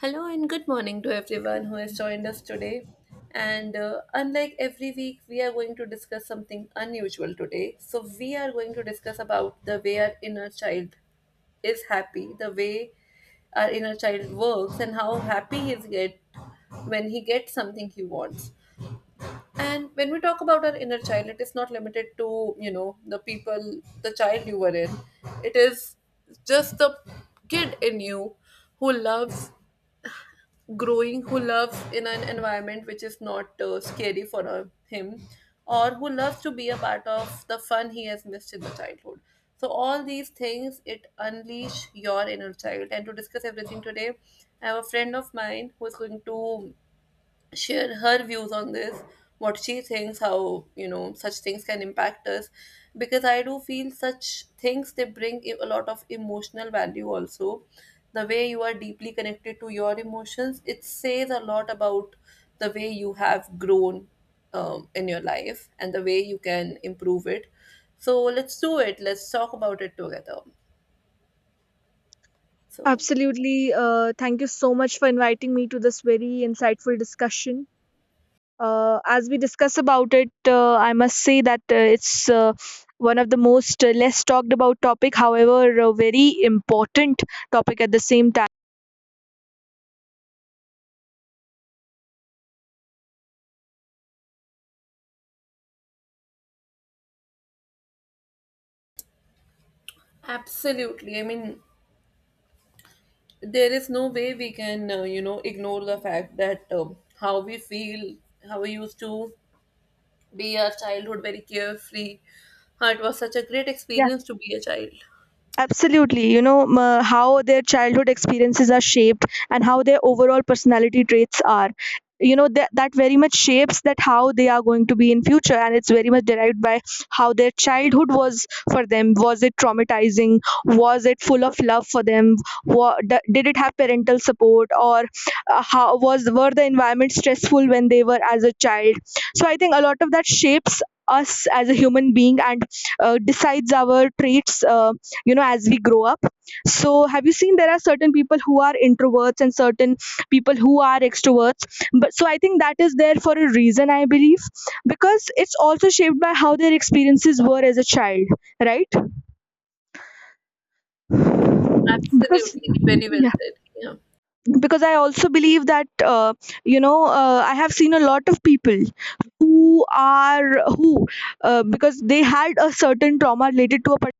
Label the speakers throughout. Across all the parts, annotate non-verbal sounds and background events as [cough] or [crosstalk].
Speaker 1: Hello and good morning to everyone who has joined us today. And unlike every week, we are going to discuss something unusual today. So, we are going to discuss about the way our inner child is happy, the way our inner child works, and how happy he is get when he gets something he wants. And when we talk about our inner child, it is not limited to, the people, the child you were in. It is just the kid in you who loves growing, who loves in an environment which is not scary for him, or who loves to be a part of the fun he has missed in the childhood. So all these things, it unleash your inner child. And to discuss everything today, I have a friend of mine who is going to share her views on this, what she thinks, how such things can impact us. Because I do feel such things, they bring a lot of emotional value also. The way you are deeply connected to your emotions, it says a lot about the way you have grown in your life and the way you can improve it. So let's do it, let's talk about it together. So
Speaker 2: Absolutely. Thank you so much for inviting me to this very insightful discussion. As we discuss about it, I must say that it's one of the most less talked about topic, however, a very important topic at the same time.
Speaker 1: absolutely, I mean, there is no way we can ignore the fact that how we feel, how we used to be. Our childhood very carefree, how it was such a great
Speaker 2: Yeah,
Speaker 1: experience to be a child.
Speaker 2: absolutely. You know, how their childhood experiences are shaped and how their overall personality traits are. You know, that very much shapes that how they are going to be in future. And it's very much derived by how their childhood was for them. Was it traumatizing? Was it full of love for them? Did it have parental support? Or how was were the environment stressful when they were as a child? So I think a lot of that shapes us as a human being and decides our traits. You know, as we grow up, so have you seen there are certain people who are introverts and certain people who are extroverts? But so I think that is there for a reason, I believe, because it's also shaped by how their experiences were as a child, right? Because,
Speaker 1: Absolutely, very well
Speaker 2: yeah,
Speaker 1: said. Yeah,
Speaker 2: because I also believe that you know, I have seen a lot of people who because they had a certain trauma related to a...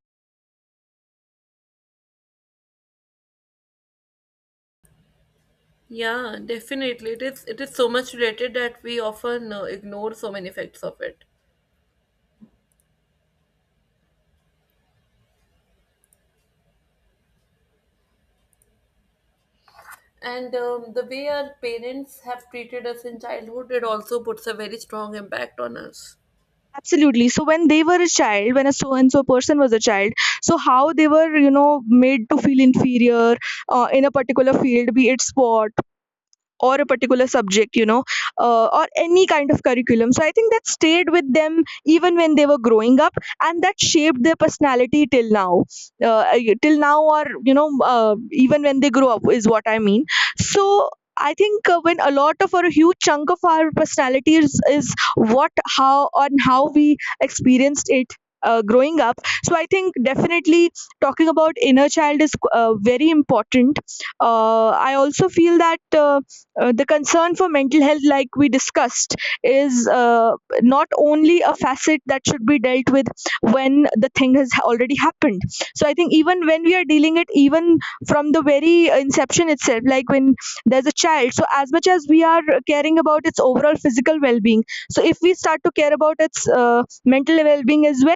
Speaker 1: yeah, definitely, it is, it is so much related that we often ignore so many effects of it. And the way our parents have treated us in childhood, it also puts a very strong impact on us.
Speaker 2: Absolutely. So when they were a child, when a so and so person was a child, so how they were, you know, made to feel inferior in a particular field, be it sport, or a particular subject, you know, or any kind of curriculum. So I think that stayed with them even when they were growing up and that shaped their personality till now. uh, Till now, or you know, even when they grow up is what I mean. So I think when a lot of, or a huge chunk of our personality is, on how we experienced it growing up. So I think definitely talking about inner child is very important. I also feel that the concern for mental health, like we discussed, is not only a facet that should be dealt with when the thing has already happened. So I think even when we are dealing it, even from the very inception itself, like when there's a child, so as much as we are caring about its overall physical well-being, so if we start to care about its mental well-being as well.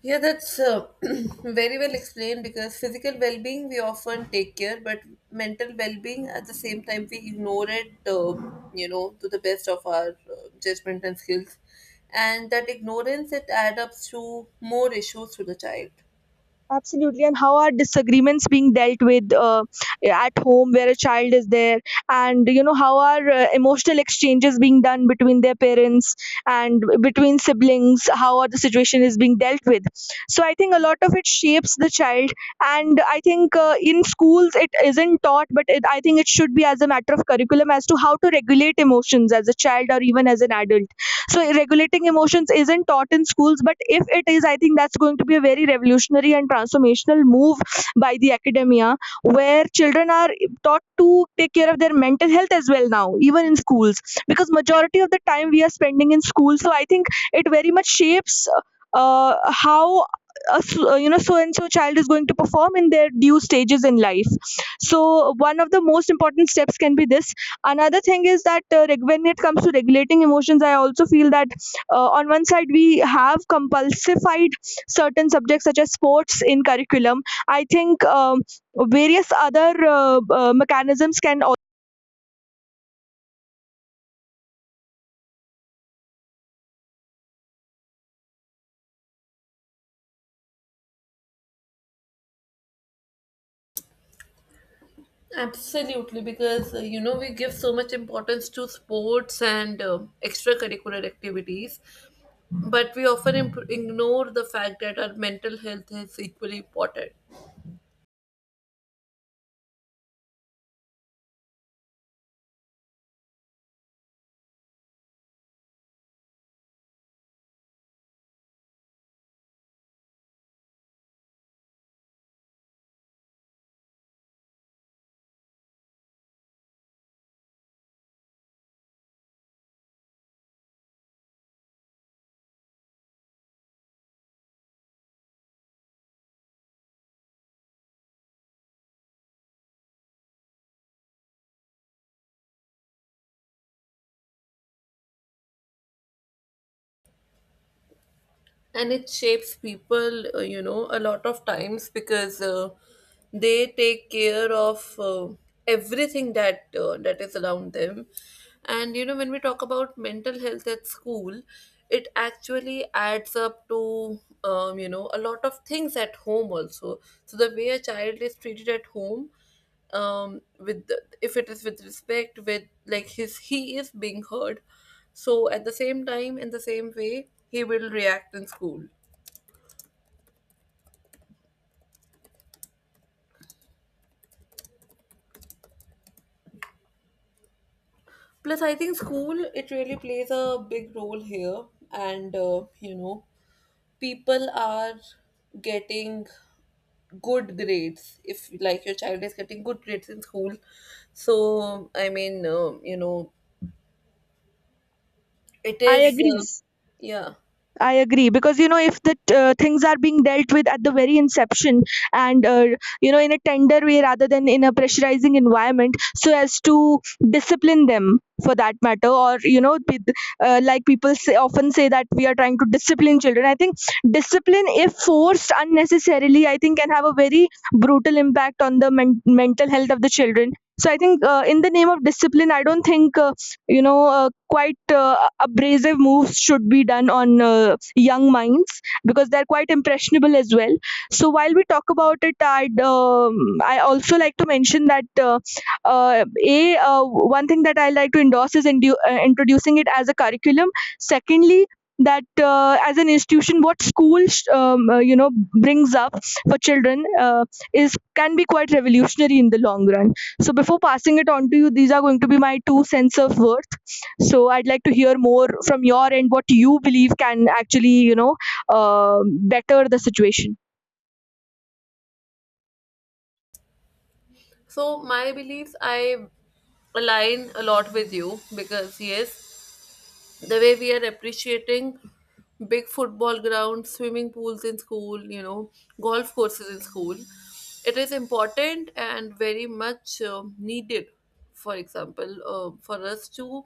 Speaker 1: Yeah, that's [clears throat] very well explained because physical well being we often take care, but mental well being at the same time we ignore it, to the best of our judgment and skills. And that ignorance, it adds up to more issues to the child.
Speaker 2: Absolutely. And how are disagreements being dealt with at home where a child is there? And, you know, how are emotional exchanges being done between their parents and between siblings? How are the situation is being dealt with? So I think a lot of it shapes the child. And I think in schools it isn't taught, but it, I think it should be as a matter of curriculum as to how to regulate emotions as a child or even as an adult. So regulating emotions isn't taught in schools, but if it is, I think that's going to be a very revolutionary and transformational move by the academia, where children are taught to take care of their mental health as well now, even in schools, because majority of the time we are spending in school. So I think it very much shapes how a you know, so and so child is going to perform in their due stages in life. So one of the most important steps can be this. Another thing is that when it comes to regulating emotions, I also feel that on one side we have compulsified certain subjects such as sports in curriculum. I think various other mechanisms can also...
Speaker 1: Absolutely, because we give so much importance to sports and extracurricular activities, but we often ignore the fact that our mental health is equally important. And it shapes people a lot of times because they take care of everything that that is around them. And you know when we talk about mental health at school, it actually adds up to a lot of things at home also. So the way a child is treated at home with the, if it is with respect, with like his, he is being heard, so at the same time in the same way he will react in school. Plus I think school, it really plays a big role here. And people are getting good grades, if like your child is getting good grades in school, so I mean, it is yeah.
Speaker 2: I agree, because you know if the things are being dealt with at the very inception and you know, in a tender way rather than in a pressurizing environment, so as to discipline them for that matter, or you know, with, like people say, often say that we are trying to discipline children. I think discipline, if forced unnecessarily, I think can have a very brutal impact on the mental health of the children. So I think in the name of discipline, I don't think you know, quite abrasive moves should be done on young minds, because they're quite impressionable as well. So while we talk about it, I'd I also like to mention that uh, a one thing that I like to endorse is introducing it as a curriculum. Secondly, that as an institution, what school you know, brings up for children is can be quite revolutionary in the long run. So before passing it on to you, these are going to be my two cents of worth. So I'd like to hear more from your end what you believe can actually, you know, better the situation.
Speaker 1: So my beliefs, I align a lot with you because yes, the way we are appreciating big football grounds, swimming pools in school, you know, golf courses in school, it is important and very much needed. For example, for us to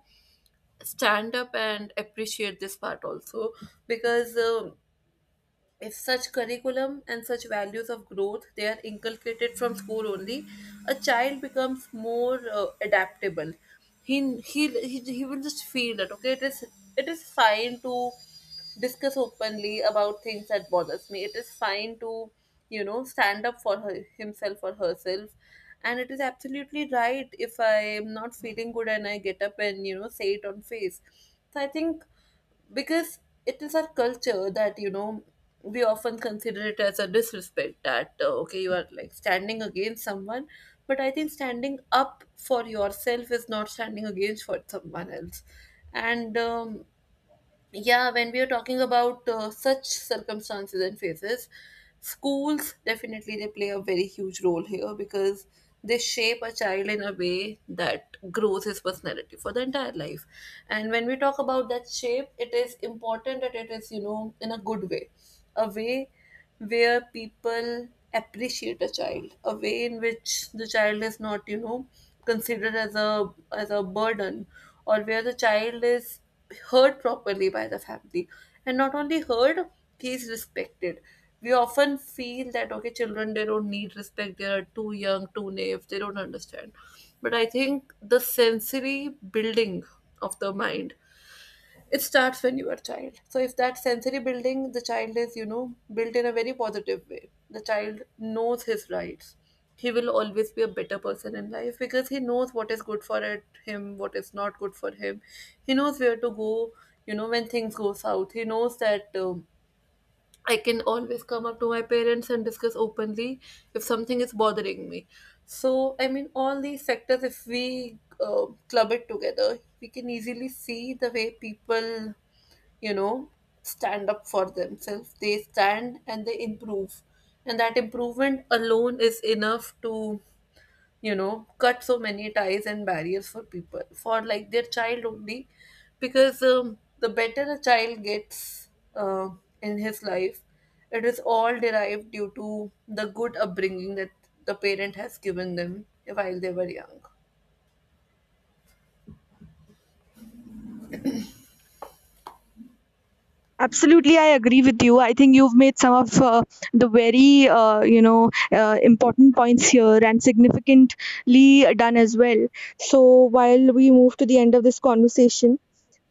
Speaker 1: stand up and appreciate this part also because. If such curriculum and such values of growth, they are inculcated from school only, a child becomes more adaptable. He will just feel that okay, it is, it is fine to discuss openly about things that bothers me. It is fine to, you know, stand up for her, himself or herself. And it is absolutely right if I am not feeling good and I get up and, you know, say it on face. So I think because it is our culture that, you know, we often consider it as a disrespect, that okay, you are like standing against someone. But I think standing up for yourself is not standing against for someone else. And yeah, when we are talking about such circumstances and phases, schools definitely, they play a very huge role here because they shape a child in a way that grows his personality for the entire life. And when we talk about that shape, it is important that it is, you know, in a good way, a way where people appreciate a child, a way in which the child is not, you know, considered as a burden, or where the child is heard properly by the family, and not only heard, he is respected. We often feel that okay, children they don't need respect; they are too young, too naive, they don't understand. But I think the sensory building of the mind, it starts when you are a child. So if that sensory building, the child is, you know, built in a very positive way. The child knows his rights. He will always be a better person in life because he knows what is good for it, him, what is not good for him. He knows where to go, you know, when things go south. He knows that I can always come up to my parents and discuss openly if something is bothering me. So, I mean, all these sectors, if we club it together, we can easily see the way people, you know, stand up for themselves, they stand and they improve. And that improvement alone is enough to, you know, cut so many ties and barriers for people, for like their child only, because the better a child gets uh, in his life, it is all derived due to the good upbringing that the parent has given them while they were young.
Speaker 2: Absolutely, I agree with you. I think you've made some of the very, you know, important points here and significantly done as well. So while we move to the end of this conversation,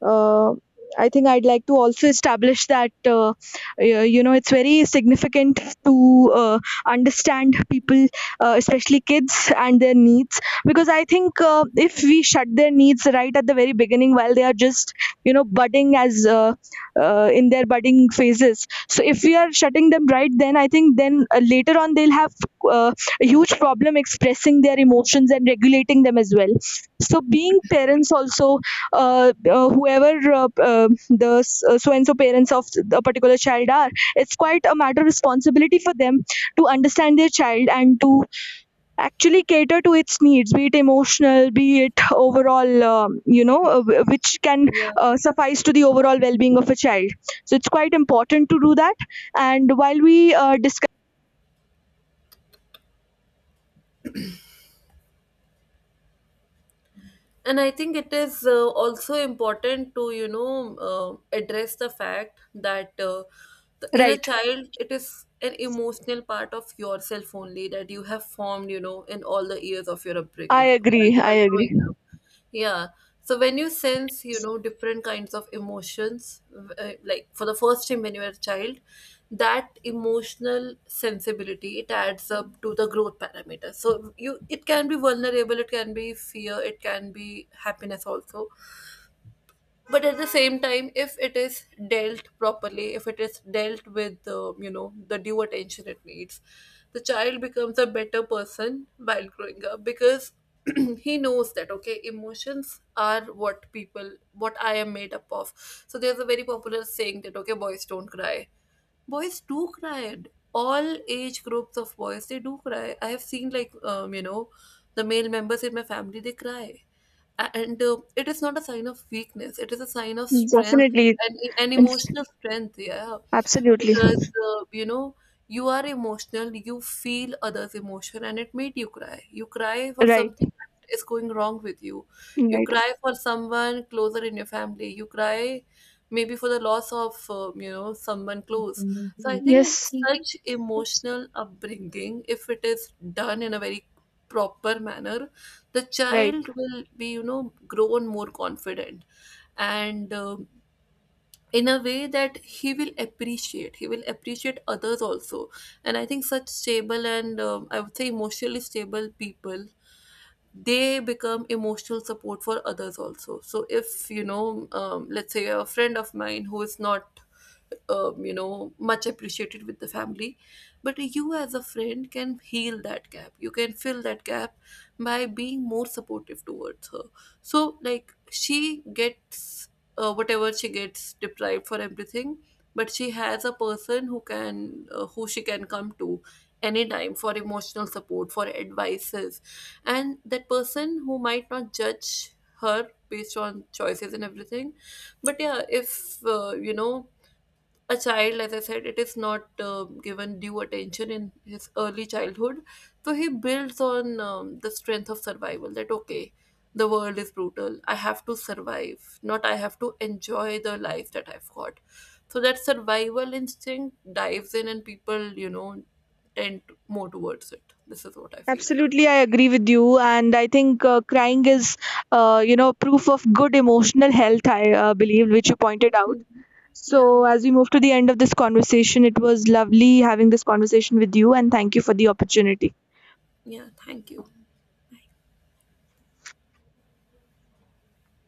Speaker 2: uh, I think I'd like to also establish that you know, it's very significant to understand people, especially kids, and their needs. Because I think if we shut their needs right at the very beginning, while they are just you know budding as in their budding phases, so if we are shutting them right, then I think then later on they'll have uh, a huge problem expressing their emotions and regulating them as well. So being parents also, whoever the so and so parents of a particular child are, it's quite a matter of responsibility for them to understand their child and to actually cater to its needs, be it emotional, be it overall, you know, which can
Speaker 1: Yeah.
Speaker 2: suffice to the overall well-being of a child. So it's quite important to do that. And while we discuss...
Speaker 1: And I think it is also important to, you know, address the fact that the inner
Speaker 2: Right,
Speaker 1: child, it is an emotional part of yourself only that you have formed, you know, in all the years of your
Speaker 2: I
Speaker 1: upbringing while
Speaker 2: agree,
Speaker 1: you
Speaker 2: I
Speaker 1: were
Speaker 2: agree.
Speaker 1: growing up. Yeah. So when you sense, you know, different kinds of emotions, like for the first time when you were a child, that emotional sensibility, it adds up to the growth parameter. So you, it can be vulnerable, it can be fear, it can be happiness also. But at the same time, if it is dealt properly, if it is dealt with the due attention it needs, the child becomes a better person while growing up because [clears throat] he knows that okay, emotions are what people, what I am made up of. So there's a very popular saying that okay, boys don't cry. Boys do cry. All age groups of boys, they do cry. I have seen, like, the male members in my family, they cry. And it is not a sign of weakness, it is a sign of strength.
Speaker 2: Definitely.
Speaker 1: And emotional strength, yeah.
Speaker 2: Absolutely.
Speaker 1: Because uh, you know you are emotional, you feel others emotion and it made you cry, you cry for
Speaker 2: Right.
Speaker 1: something that is going wrong with you. You
Speaker 2: Right.
Speaker 1: cry for someone closer in your family, you cry maybe for the loss of someone close. So I think
Speaker 2: Yes.
Speaker 1: such emotional upbringing, if it is done in a very proper manner, the
Speaker 2: Right.
Speaker 1: child will be, you know, grown more confident, and in a way that he will appreciate, he will appreciate others also. And I think such stable and I would say emotionally stable people, they become emotional support for others also. So if you know, let's say a friend of mine who is not, you know, much appreciated with the family, but you as a friend can heal that gap, you can fill that gap by being more supportive towards her. So like she gets whatever she gets deprived for everything, but she has a person who can who she can come to anytime for emotional support, for advices, and that person who might not judge her based on choices and everything. But yeah, if a child, as I said, it is not given due attention in his early childhood, so he builds on the strength of survival, that okay, the world is brutal, I have to survive, not I have to enjoy the life that I've got. So that survival instinct dives in and people, you know, tend to- more towards it. This is what I feel.
Speaker 2: Absolutely, I agree with you, and I think crying is, you know, proof of good emotional health. I believe, which you pointed out.
Speaker 1: Mhm. Yeah.
Speaker 2: So, as we move to the end of this conversation, it was lovely having this conversation with you, and thank you for the opportunity.
Speaker 1: Yeah, thank you.